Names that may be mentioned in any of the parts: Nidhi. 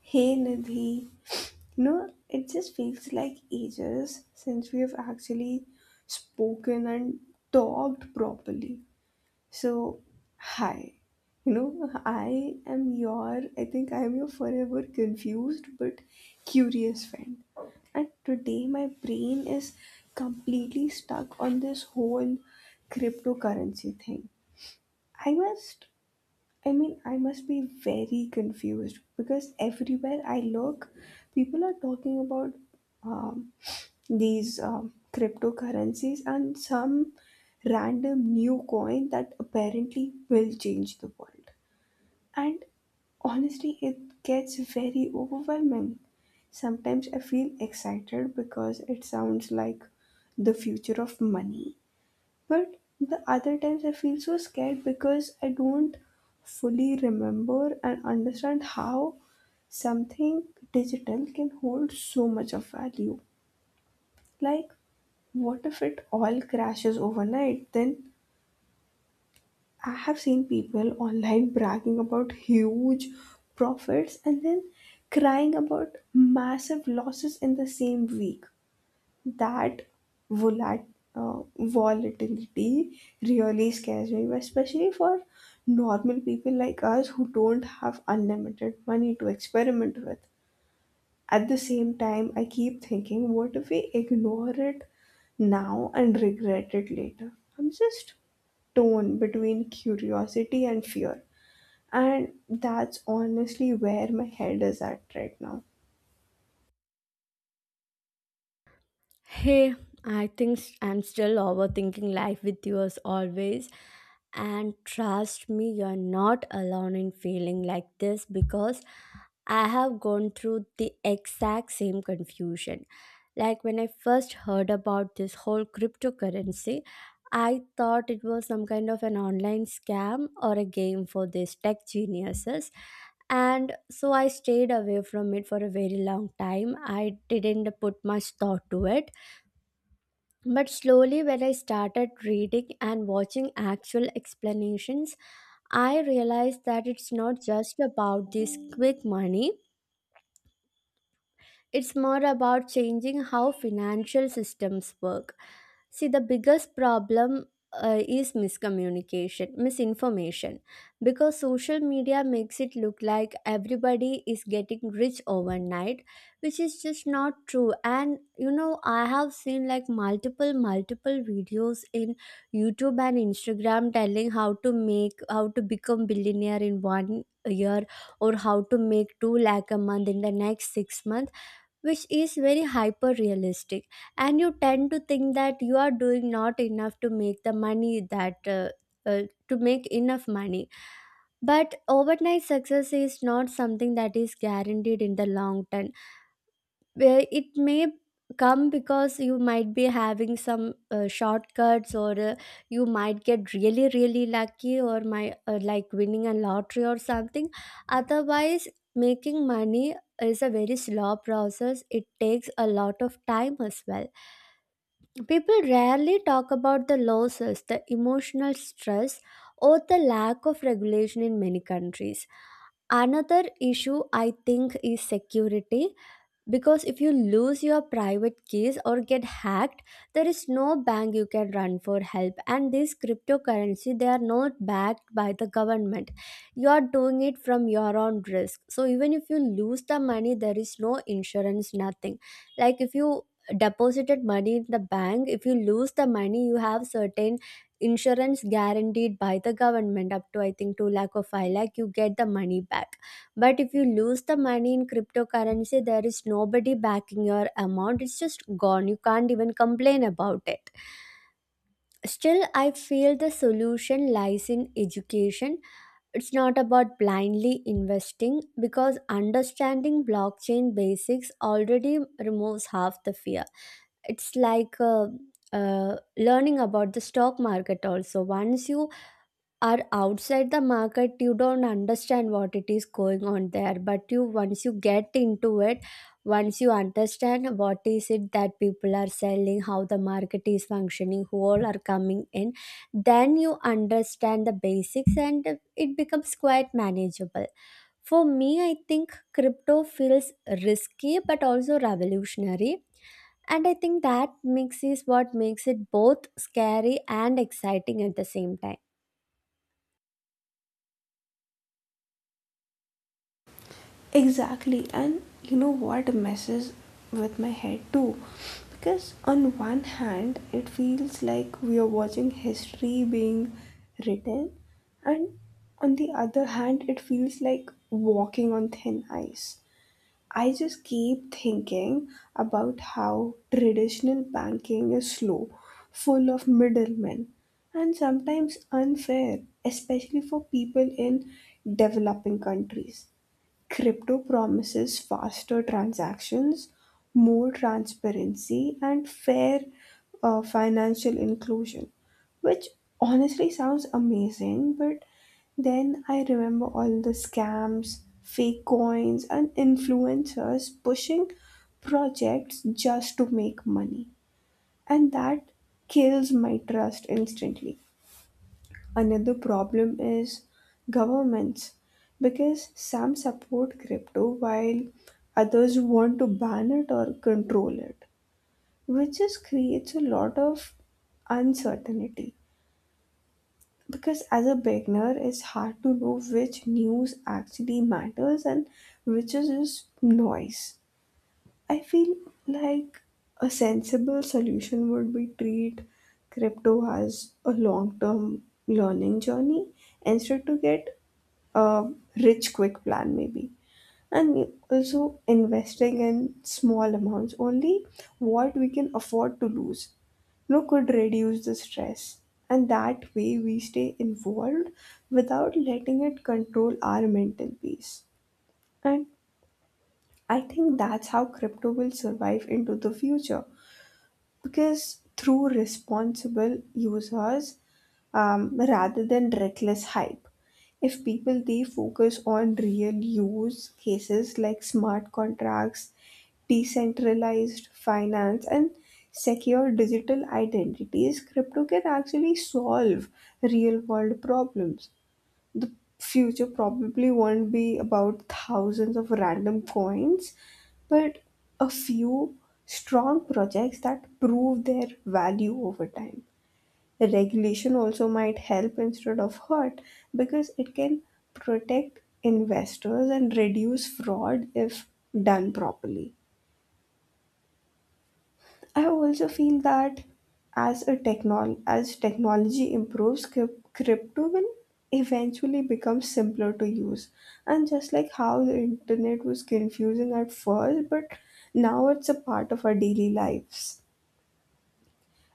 Hey Nidhi, it just feels like ages since we have actually spoken and talked properly. So, hi. I am your, I think I am your forever confused but curious friend. And today my brain is completely stuck on this whole cryptocurrency thing. I must I mean, I must be very confused because everywhere I look, people are talking about um, these cryptocurrencies and some random new coin that apparently will change the world. And honestly, it gets very overwhelming. Sometimes I feel excited because it sounds like the future of money, but the other times I feel so scared because I don't fully remember and understand how something digital can hold so much of value. Like, what if it all crashes overnight? Then I have seen people online bragging about huge profits and then crying about massive losses in the same week that volat- volatility really scares me, especially for normal people like us who don't have unlimited money to experiment with. At the same time, I keep thinking, what if we ignore it now and regret it later? I'm just torn between curiosity and fear, and that's honestly where my head is at right now. Hey, I think I'm still overthinking life with you as always. And trust me, you're not alone in feeling like this because I have gone through the exact same confusion. Like when I first heard about this whole cryptocurrency, I thought it was some kind of an online scam or a game for these tech geniuses, and so I stayed away from it for a very long time. I didn't put much thought to it, but slowly, when I started reading and watching actual explanations, I realized that it's not just about this quick money, it's more about changing how financial systems work. See, the biggest problem is miscommunication, misinformation, because social media makes it look like everybody is getting rich overnight, which is just not true. And I have seen like multiple, multiple videos in YouTube and Instagram telling how to become billionaire in one year or how to make 2 lakh a month in the next 6 months, which is very hyper realistic, and you tend to think that you are doing not enough to make the money that uh, to make enough money. But overnight success is not something that is guaranteed in the long term, where it may come because you might be having some shortcuts, or you might get really really lucky, or my like winning a lottery or something. Otherwise, making money is a very slow process, it takes a lot of time as well. People rarely talk about the losses, the emotional stress, or the lack of regulation in many countries. Another issue I think is security, because if you lose your private keys or get hacked, there is no bank you can run for help, and this cryptocurrency, they are not backed by the government. You are doing it from your own risk, so even if you lose the money there is no insurance, nothing. Like if you deposited money in the bank, if you lose the money you have certain insurance guaranteed by the government up to I think 2 lakh or 5 lakh, you get the money back. But if you lose the money in cryptocurrency, there is nobody backing your amount. It's just gone. You can't even complain about it. Still, I feel the solution lies in education. It's not about blindly investing, because understanding blockchain basics already removes half the fear. It's like learning about the stock market also. Once you are outside the market you don't understand what it is going on there, but you once you get into it, once you understand what is it that people are selling, how the market is functioning, who all are coming in, then you understand the basics and it becomes quite manageable. For me, I think crypto feels risky but also revolutionary, and I think that mix is what makes it both scary and exciting at the same time. Exactly, and you know what messes with my head too? Because on one hand, it feels like we are watching history being written, and on the other hand, it feels like walking on thin ice. I just keep thinking about how traditional banking is slow, full of middlemen, and sometimes unfair, especially for people in developing countries. Crypto promises faster transactions, more transparency, and fair financial inclusion, which honestly sounds amazing. But then I remember all the scams, fake coins, and influencers pushing projects just to make money, and that kills my trust instantly. Another problem is governments, because some support crypto while others want to ban it or control it, which just creates a lot of uncertainty. Because as a beginner, it's hard to know which news actually matters and which is just noise. I feel like a sensible solution would be treat crypto as a long term learning journey instead to get a rich quick plan maybe, and also investing in small amounts only what we can afford to lose could reduce the stress, and that way we stay involved without letting it control our mental peace. And I think that's how crypto will survive into the future, because through responsible users rather than reckless hype. If people they focus on real use cases like smart contracts, decentralized finance, and secure digital identities, crypto can actually solve real world problems. The future probably won't be about thousands of random coins, but a few strong projects that prove their value over time. Regulation also might help instead of hurt because it can protect investors and reduce fraud if done properly. I also feel that as technology improves, crypto will eventually become simpler to use. And just like how the internet was confusing at first, but now it's a part of our daily lives.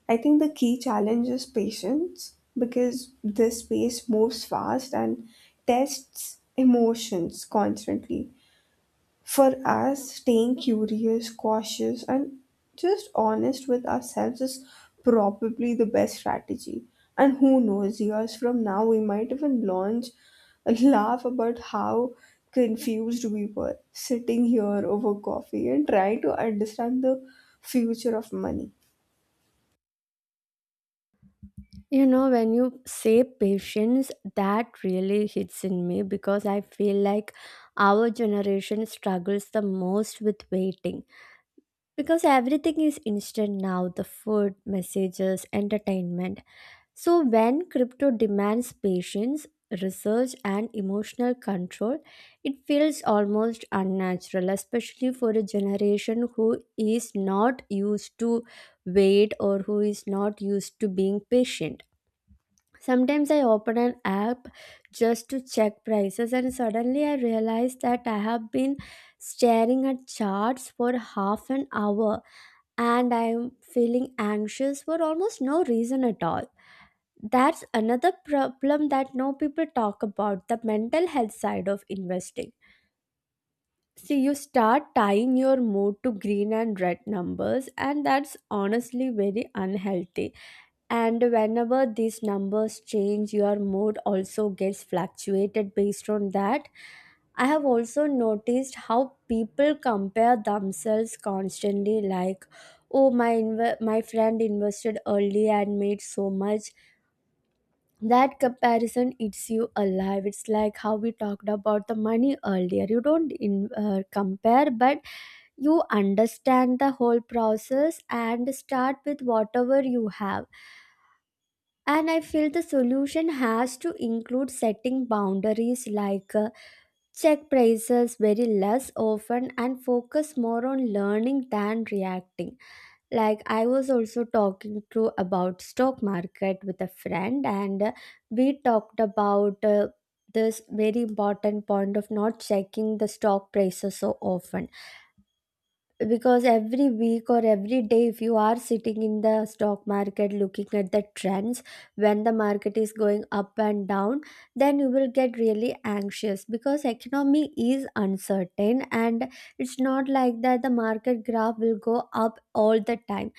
I think the key challenge is patience because this space moves fast and tests emotions constantly. For us, staying curious, cautious, and just honest with ourselves is probably the best strategy. And who knows, years from now, we might even launch a laugh about how confused we were sitting here over coffee and trying to understand the future of money. You know, when you say patience, that really hits in me because I feel like our generation struggles the most with waiting, because everything is instant now, the food, messages, entertainment. So, when crypto demands patience, research, and emotional control, it feels almost unnatural, especially for a generation who is not used to wait, or who is not used to being patient. Sometimes I open an app just to check prices, and suddenly I realize that I have been staring at charts for half an hour and I'm feeling anxious for almost no reason at all. That's another problem that no people talk about, the mental health side of investing. See, you start tying your mood to green and red numbers, and that's honestly very unhealthy, and whenever these numbers change your mood also gets fluctuated based on that. I have also noticed how people compare themselves constantly, like, oh, my my friend invested early and made so much. That comparison eats you alive. It's like how we talked about the money earlier, you don't compare, but you understand the whole process and start with whatever you have. And I feel the solution has to include setting boundaries, like check prices very less often and focus more on learning than reacting. Like I was also talking to about stock market with a friend, and we talked about this very important point of not checking the stock prices so often, because every week or every day if you are sitting in the stock market looking at the trends, when the market is going up and down, then you will get really anxious, because economy is uncertain and it's not like that the market graph will go up all the time.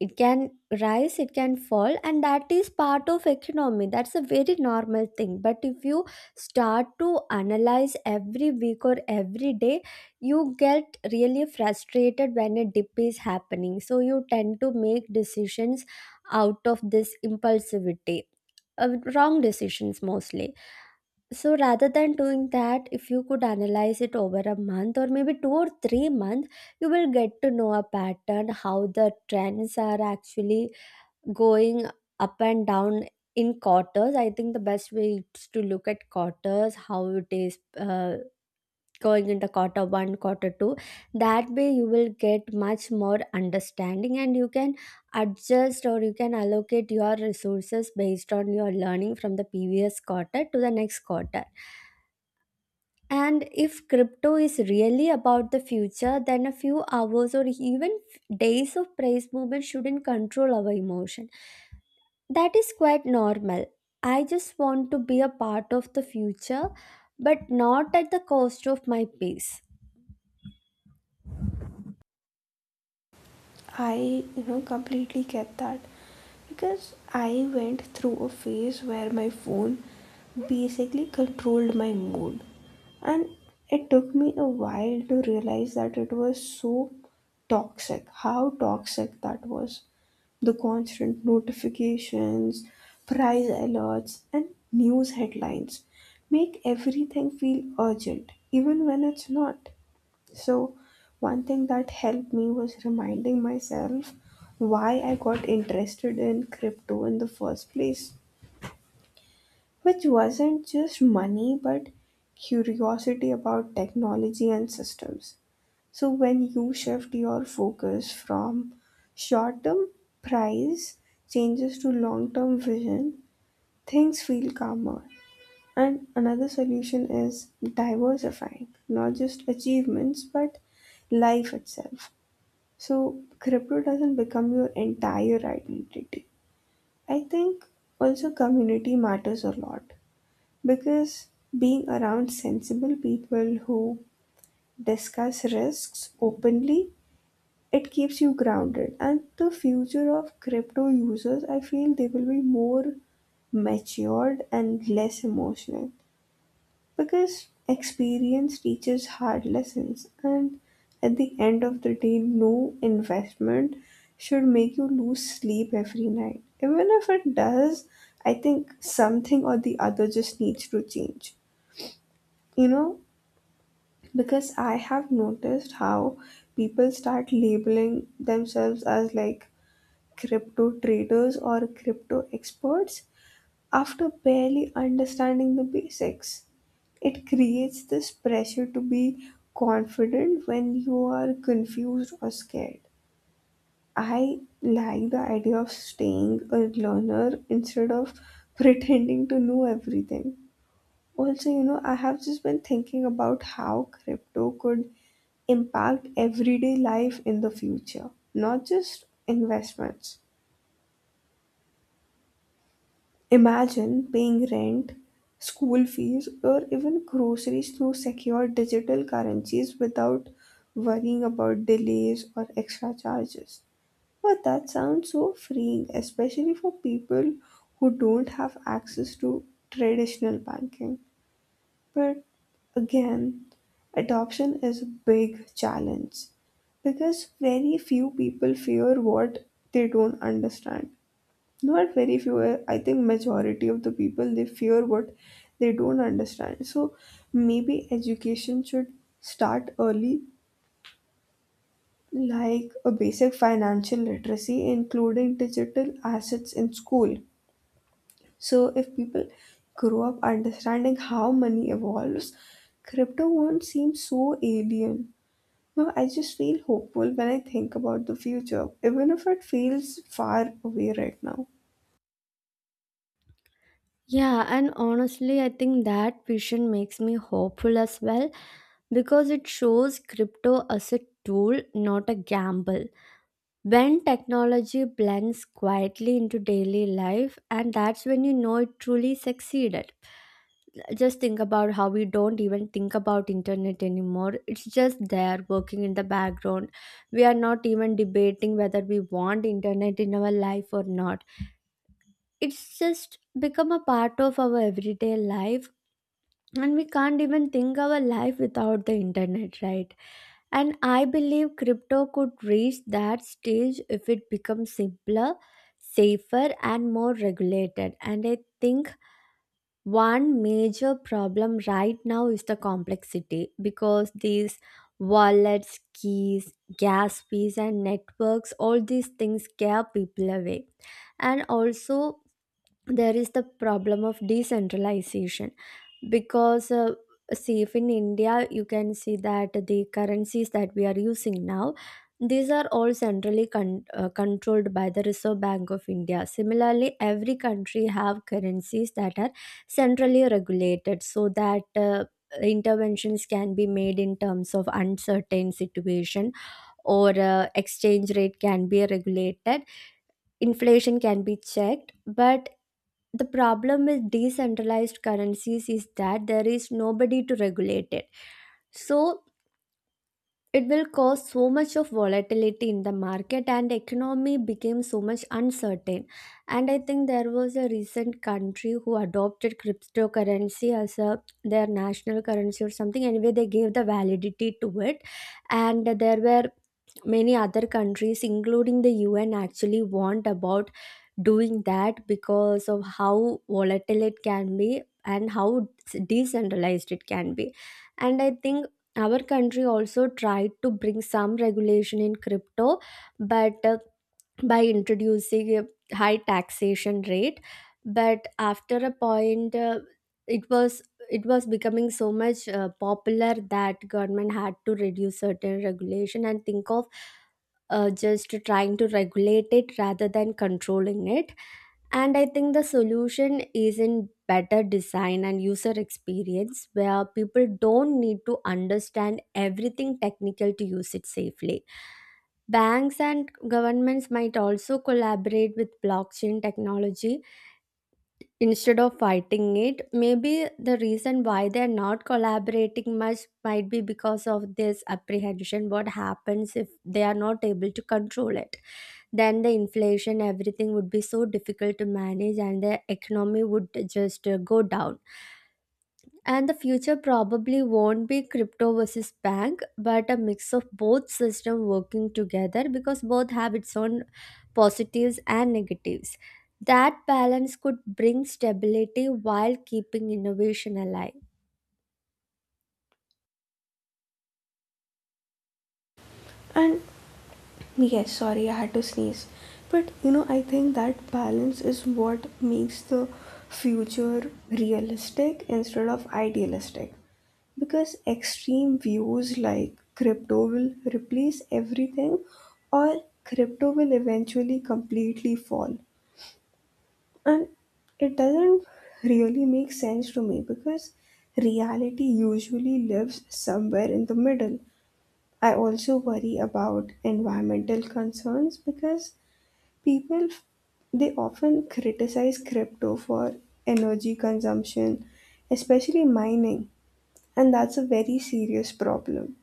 It can rise, it can fall, and that is part of economy, that's a very normal thing. But if you start to analyze every week or every day, you get really frustrated when a dip is happening, so you tend to make decisions out of this impulsivity, wrong decisions mostly. So rather than doing that, if you could analyze it over a month or maybe 2 or 3 months, you will get to know a pattern, how the trends are actually going up and down in quarters. I think the best way is to look at quarters, how it is going into quarter one, quarter two. That way, you will get much more understanding and you can adjust, or you can allocate your resources based on your learning from the previous quarter to the next quarter. And if crypto is really about the future, then a few hours or even days of price movement shouldn't control our emotion. That is quite normal. I just want to be a part of the future, but not at the cost of my peace. I completely get that because I went through a phase where my phone basically controlled my mood, and it took me a while to realize that it was so toxic, how toxic that was. The constant notifications, prize alerts, and news headlines make everything feel urgent, even when it's not. So, one thing that helped me was reminding myself why I got interested in crypto in the first place, which wasn't just money but curiosity about technology and systems. So, when you shift your focus from short term price changes to long term vision, things feel calmer. And another solution is diversifying, not just achievements but life itself. So crypto doesn't become your entire identity. I think also community matters a lot because being around sensible people who discuss risks openly, it keeps you grounded. And the future of crypto users, I feel they will be more matured and less emotional. Because experience teaches hard lessons, and at the end of the day, no investment should make you lose sleep every night. Even if it does, I think something or the other just needs to change. You know, because I have noticed how people start labeling themselves as like crypto traders or crypto experts after barely understanding the basics. It creates this pressure to be confident when you are confused or scared. I like the idea of staying a learner instead of pretending to know everything. Also, I have just been thinking about how crypto could impact everyday life in the future, not just investments. Imagine paying rent, school fees, or even groceries through secure digital currencies without worrying about delays or extra charges. But that sounds so freeing, especially for people who don't have access to traditional banking. But again, adoption is a big challenge because very few people fear what they don't understand. Not very few, I think majority of the people, they fear what they don't understand. So maybe education should start early, like a basic financial literacy including digital assets in school. So if people grow up understanding how money evolves, crypto won't seem so alien. No, I just feel hopeful when I think about the future, even if it feels far away right now. Yeah, and honestly, I think that vision makes me hopeful as well, because it shows crypto as a tool, not a gamble. When technology blends quietly into daily life, and that's when you know it truly succeeded. Just think about how we don't even think about internet anymore, it's just there working in the background. We are not even debating whether we want internet in our life or not, it's just become a part of our everyday life, and we can't even think our life without the internet, right? And I believe crypto could reach that stage if it becomes simpler, safer, and more regulated. And I think one major problem right now is the complexity, because these wallets, keys, gas fees, and networks, all these things scare people away. And also, there is the problem of decentralization, because see, if in India you can see that the currencies that we are using now, these are all controlled by the Reserve Bank of India. Similarly, every country have currencies that are centrally regulated, so that interventions can be made in terms of uncertain situation, or exchange rate can be regulated, inflation can be checked. But the problem with decentralized currencies is that there is nobody to regulate it, so it will cause so much of volatility in the market and economy became so much uncertain. And I think there was a recent country who adopted cryptocurrency as a their national currency or something, anyway they gave the validity to it, and there were many other countries including the UN actually warned about doing that because of how volatile it can be and how decentralized it can be. And I think our country also tried to bring some regulation in crypto, but by introducing a high taxation rate. But after a point it was it was becoming so much popular, that government had to reduce certain regulation and think of just trying to regulate it rather than controlling it. And I think the solution is in better design and user experience, where people don't need to understand everything technical to use it safely. Banks and governments might also collaborate with blockchain technology instead of fighting it. Maybe the reason why they're not collaborating much might be because of this apprehension, what happens if they are not able to control it, then the inflation, everything would be so difficult to manage and the economy would just go down. And the future probably won't be crypto versus bank, but a mix of both system working together, because both have its own positives and negatives. That balance could bring stability while keeping innovation alive. And Yes, sorry, I had to sneeze. But you know, I think that balance is what makes the future realistic instead of idealistic. Because extreme views like crypto will replace everything, or crypto will eventually completely fall. And it doesn't really make sense to me because reality usually lives somewhere in the middle. I also worry about environmental concerns because people f- they often criticize crypto for energy consumption, especially mining, and that's a very serious problem.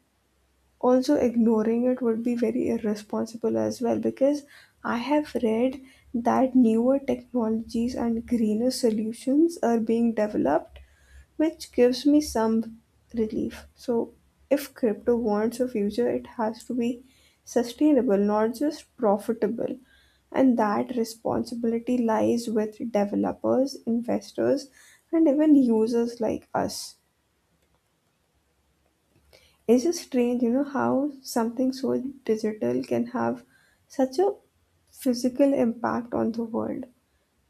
Also, ignoring it would be very irresponsible as well, because I have read that newer technologies and greener solutions are being developed, which gives me some relief. So, if crypto wants a future, it has to be sustainable, not just profitable. And that responsibility lies with developers, investors, and even users like us. It's just strange, how something so digital can have such a physical impact on the world.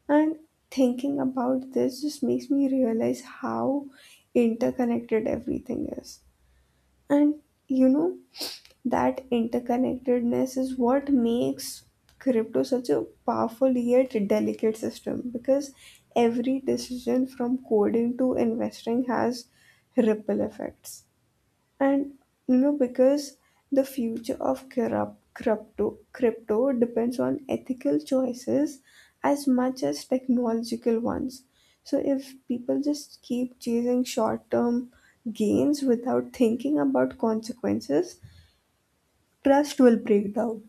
And thinking about this just makes me realize how interconnected everything is. And you know, that interconnectedness is what makes crypto such a powerful yet delicate system, because every decision from coding to investing has ripple effects. And because the future of corrupt crypto crypto depends on ethical choices as much as technological ones. So if people just keep chasing short term gains without thinking about consequences, trust will break down.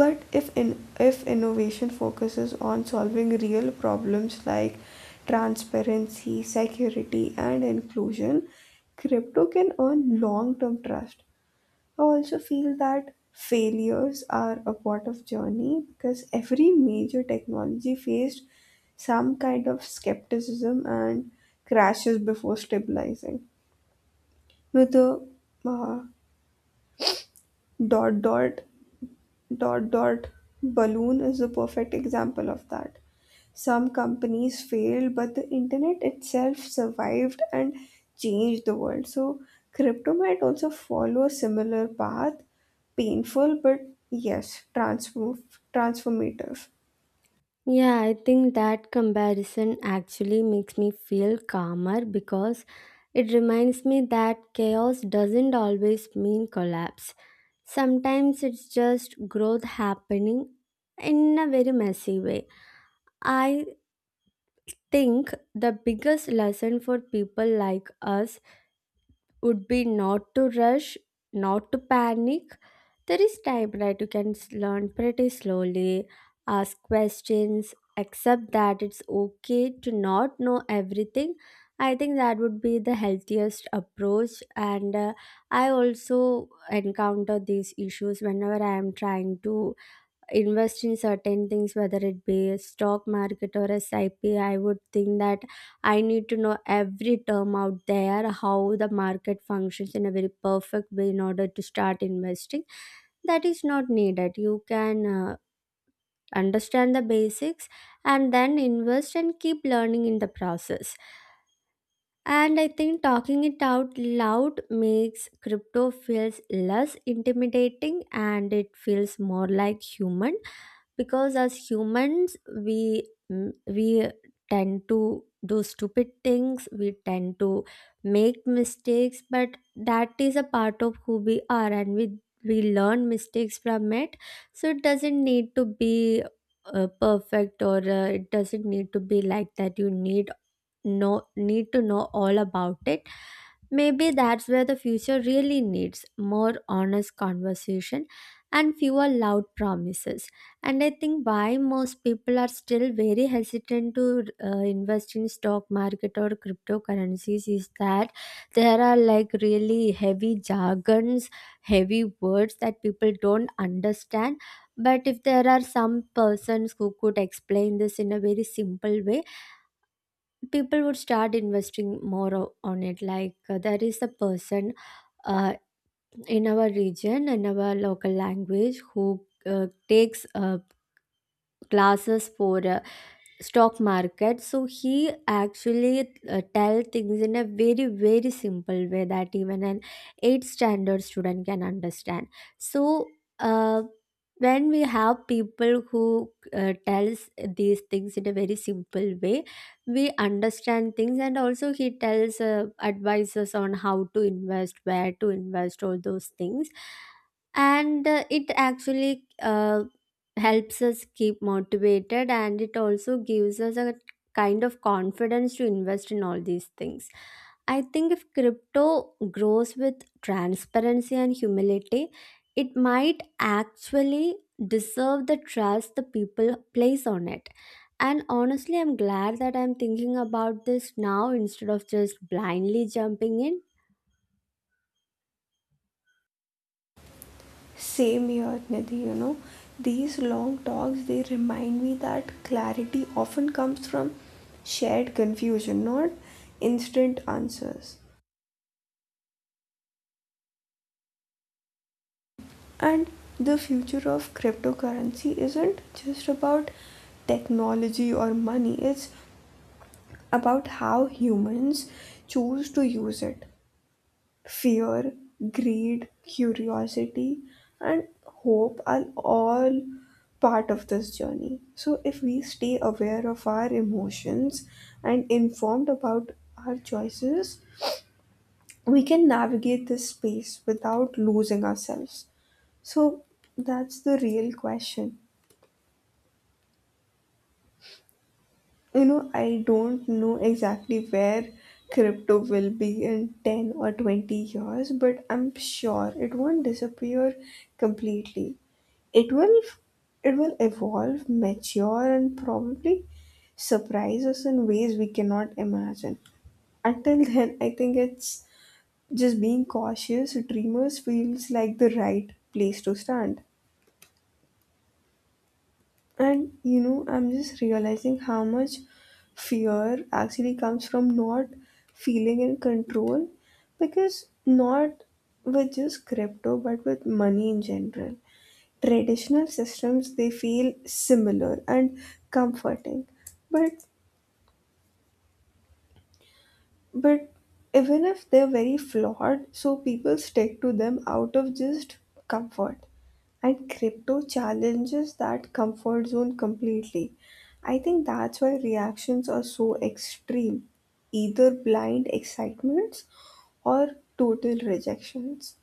But if innovation focuses on solving real problems like transparency, security, and inclusion, crypto can earn long term trust. I also feel that failures are a part of journey because every major technology faced some kind of skepticism and crashes before stabilizing. With the uh, dot dot dot dot balloon is a perfect example of that. Some companies failed, but the internet itself survived and changed the world. So, crypto might also follow a similar path, painful, but yes, transformative. Yeah, I think that comparison actually makes me feel calmer, because it reminds me that chaos doesn't always mean collapse. Sometimes it's just growth happening in a very messy way. I think the biggest lesson for people like us would be not to rush, not to panic. There is time, right? You can learn pretty slowly, ask questions, accept that it's okay to not know everything. I think that would be the healthiest approach. And I also encounter these issues whenever I am trying to invest in certain things, whether it be a stock market or SIP I P, I would think that I need to know every term out there, how the market functions in a very perfect way in order to start investing. That is not needed. You can understand the basics and then invest and keep learning in the process. And I think talking it out loud makes crypto feels less intimidating, and it feels more like human, because as humans we tend to do stupid things, we tend to make mistakes, but that is a part of who we are, and we learn mistakes from it. So it doesn't need to be perfect, or it doesn't need to be like that, you need know, need to know all about it. Maybe that's where the future really needs more honest conversation and fewer loud promises. And I think why most people are still very hesitant to invest in stock market or cryptocurrencies is that there are like really heavy jargons, heavy words that people don't understand. But if there are some persons who could explain this in a very simple way, people would start investing more on it. Like there is a person, uh, in our region, in our local language, who takes classes for stock market. So he actually tell things in a very very simple way that even an 8th standard student can understand. So uh, when we have people who tells these things in a very simple way, we understand things. And also he tells advices on how to invest, where to invest, all those things. And it actually helps us keep motivated, and it also gives us a kind of confidence to invest in all these things. I think if crypto grows with transparency and humility, it might actually deserve the trust the people place on it. And honestly, I'm glad that I'm thinking about this now instead of just blindly jumping in. Same here, Nidhi. These long talks, they remind me that clarity often comes from shared confusion, not instant answers. And the future of cryptocurrency isn't just about technology or money, it's about how humans choose to use it. Fear, greed, curiosity, and hope are all part of this journey. So, if we stay aware of our emotions and informed about our choices, we can navigate this space without losing ourselves. So, that's the real question. I don't know exactly where crypto will be in 10 or 20 years, but I'm sure it won't disappear completely. It will it will evolve, mature, and probably surprise us in ways we cannot imagine. Until then, I think it's just being cautious, dreamers feels like the right place to stand. And I'm just realizing how much fear actually comes from not feeling in control, because not with just crypto but with money in general. Traditional systems, they feel similar and comforting, but But even if they're very flawed, so people stick to them out of just comfort. And crypto challenges that comfort zone completely. I think that's why reactions are so extreme, either blind excitements or total rejections.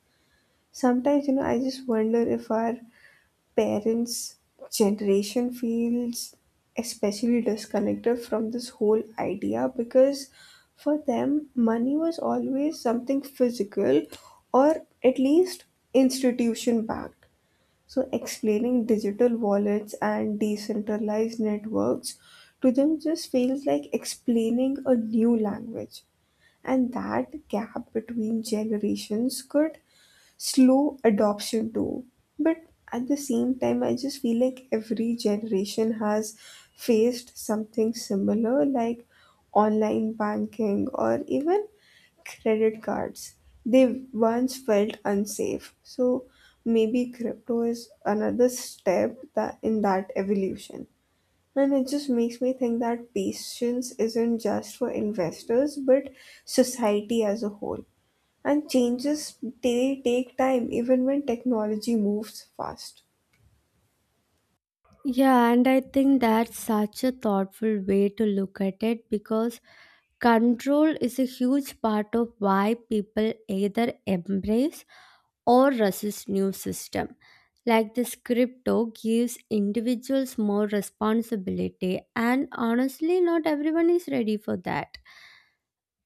Sometimes, I just wonder if our parents' generation feels especially disconnected from this whole idea, because for them, money was always something physical or at least institution backed. So, explaining digital wallets and decentralized networks to them just feels like explaining a new language. And that gap between generations could slow adoption too. But at the same time, I just feel like every generation has faced something similar, like online banking or even credit cards. They once felt unsafe. So maybe crypto is another step that in that evolution. And it just makes me think that patience isn't just for investors, but society as a whole. And changes, they take time even when technology moves fast. Yeah, and I think that's such a thoughtful way to look at it, because control is a huge part of why people either embrace or resist new system. Like this crypto gives individuals more responsibility, and honestly not everyone is ready for that.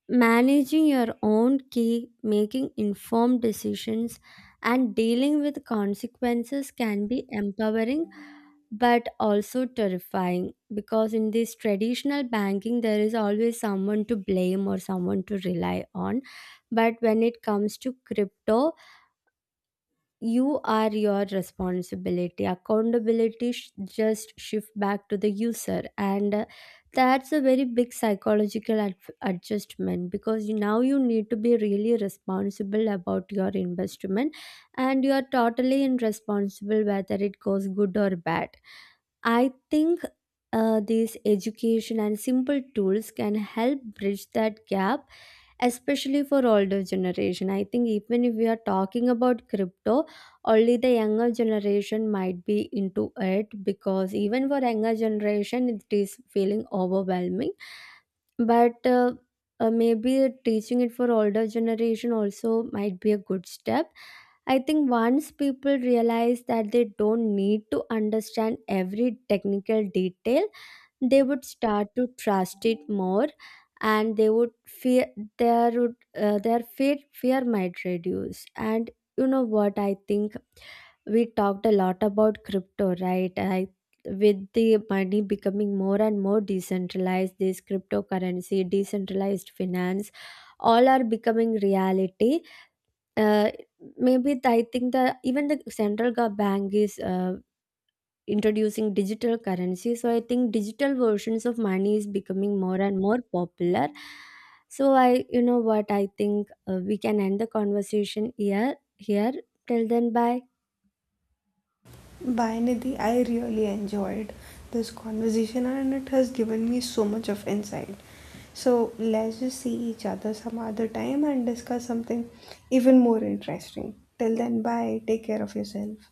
Managing your own key, making informed decisions, and dealing with consequences can be empowering but also terrifying, because in this traditional banking there is always someone to blame or someone to rely on. But when it comes to crypto, you are your responsibility, accountability just shift back to the user. And that's a very big psychological adjustment, because now you need to be really responsible about your investment, and you are totally irresponsible whether it goes good or bad. I think these education and simple tools can help bridge that gap, especially for older generation. I think even if we are talking about crypto, only the younger generation might be into it, because even for younger generation, it is feeling overwhelming. But maybe teaching it for older generation also might be a good step. I think once people realize that they don't need to understand every technical detail, they would start to trust it more. And they would fear, there would their fear might reduce. And you know what I think, we talked a lot about crypto, right? I, with the money becoming more and more decentralized, this cryptocurrency, decentralized finance, all are becoming reality. uh, Maybe I think the, even the central bank is introducing digital currency. So I think digital versions of money is becoming more and more popular. So I, you know what I think, we can end the conversation here here. Till then, bye. By Nidhi, I really enjoyed this conversation and it has given me so much of insight. So let's just see each other some other time and discuss something even more interesting. Till then, bye. Take care of yourself.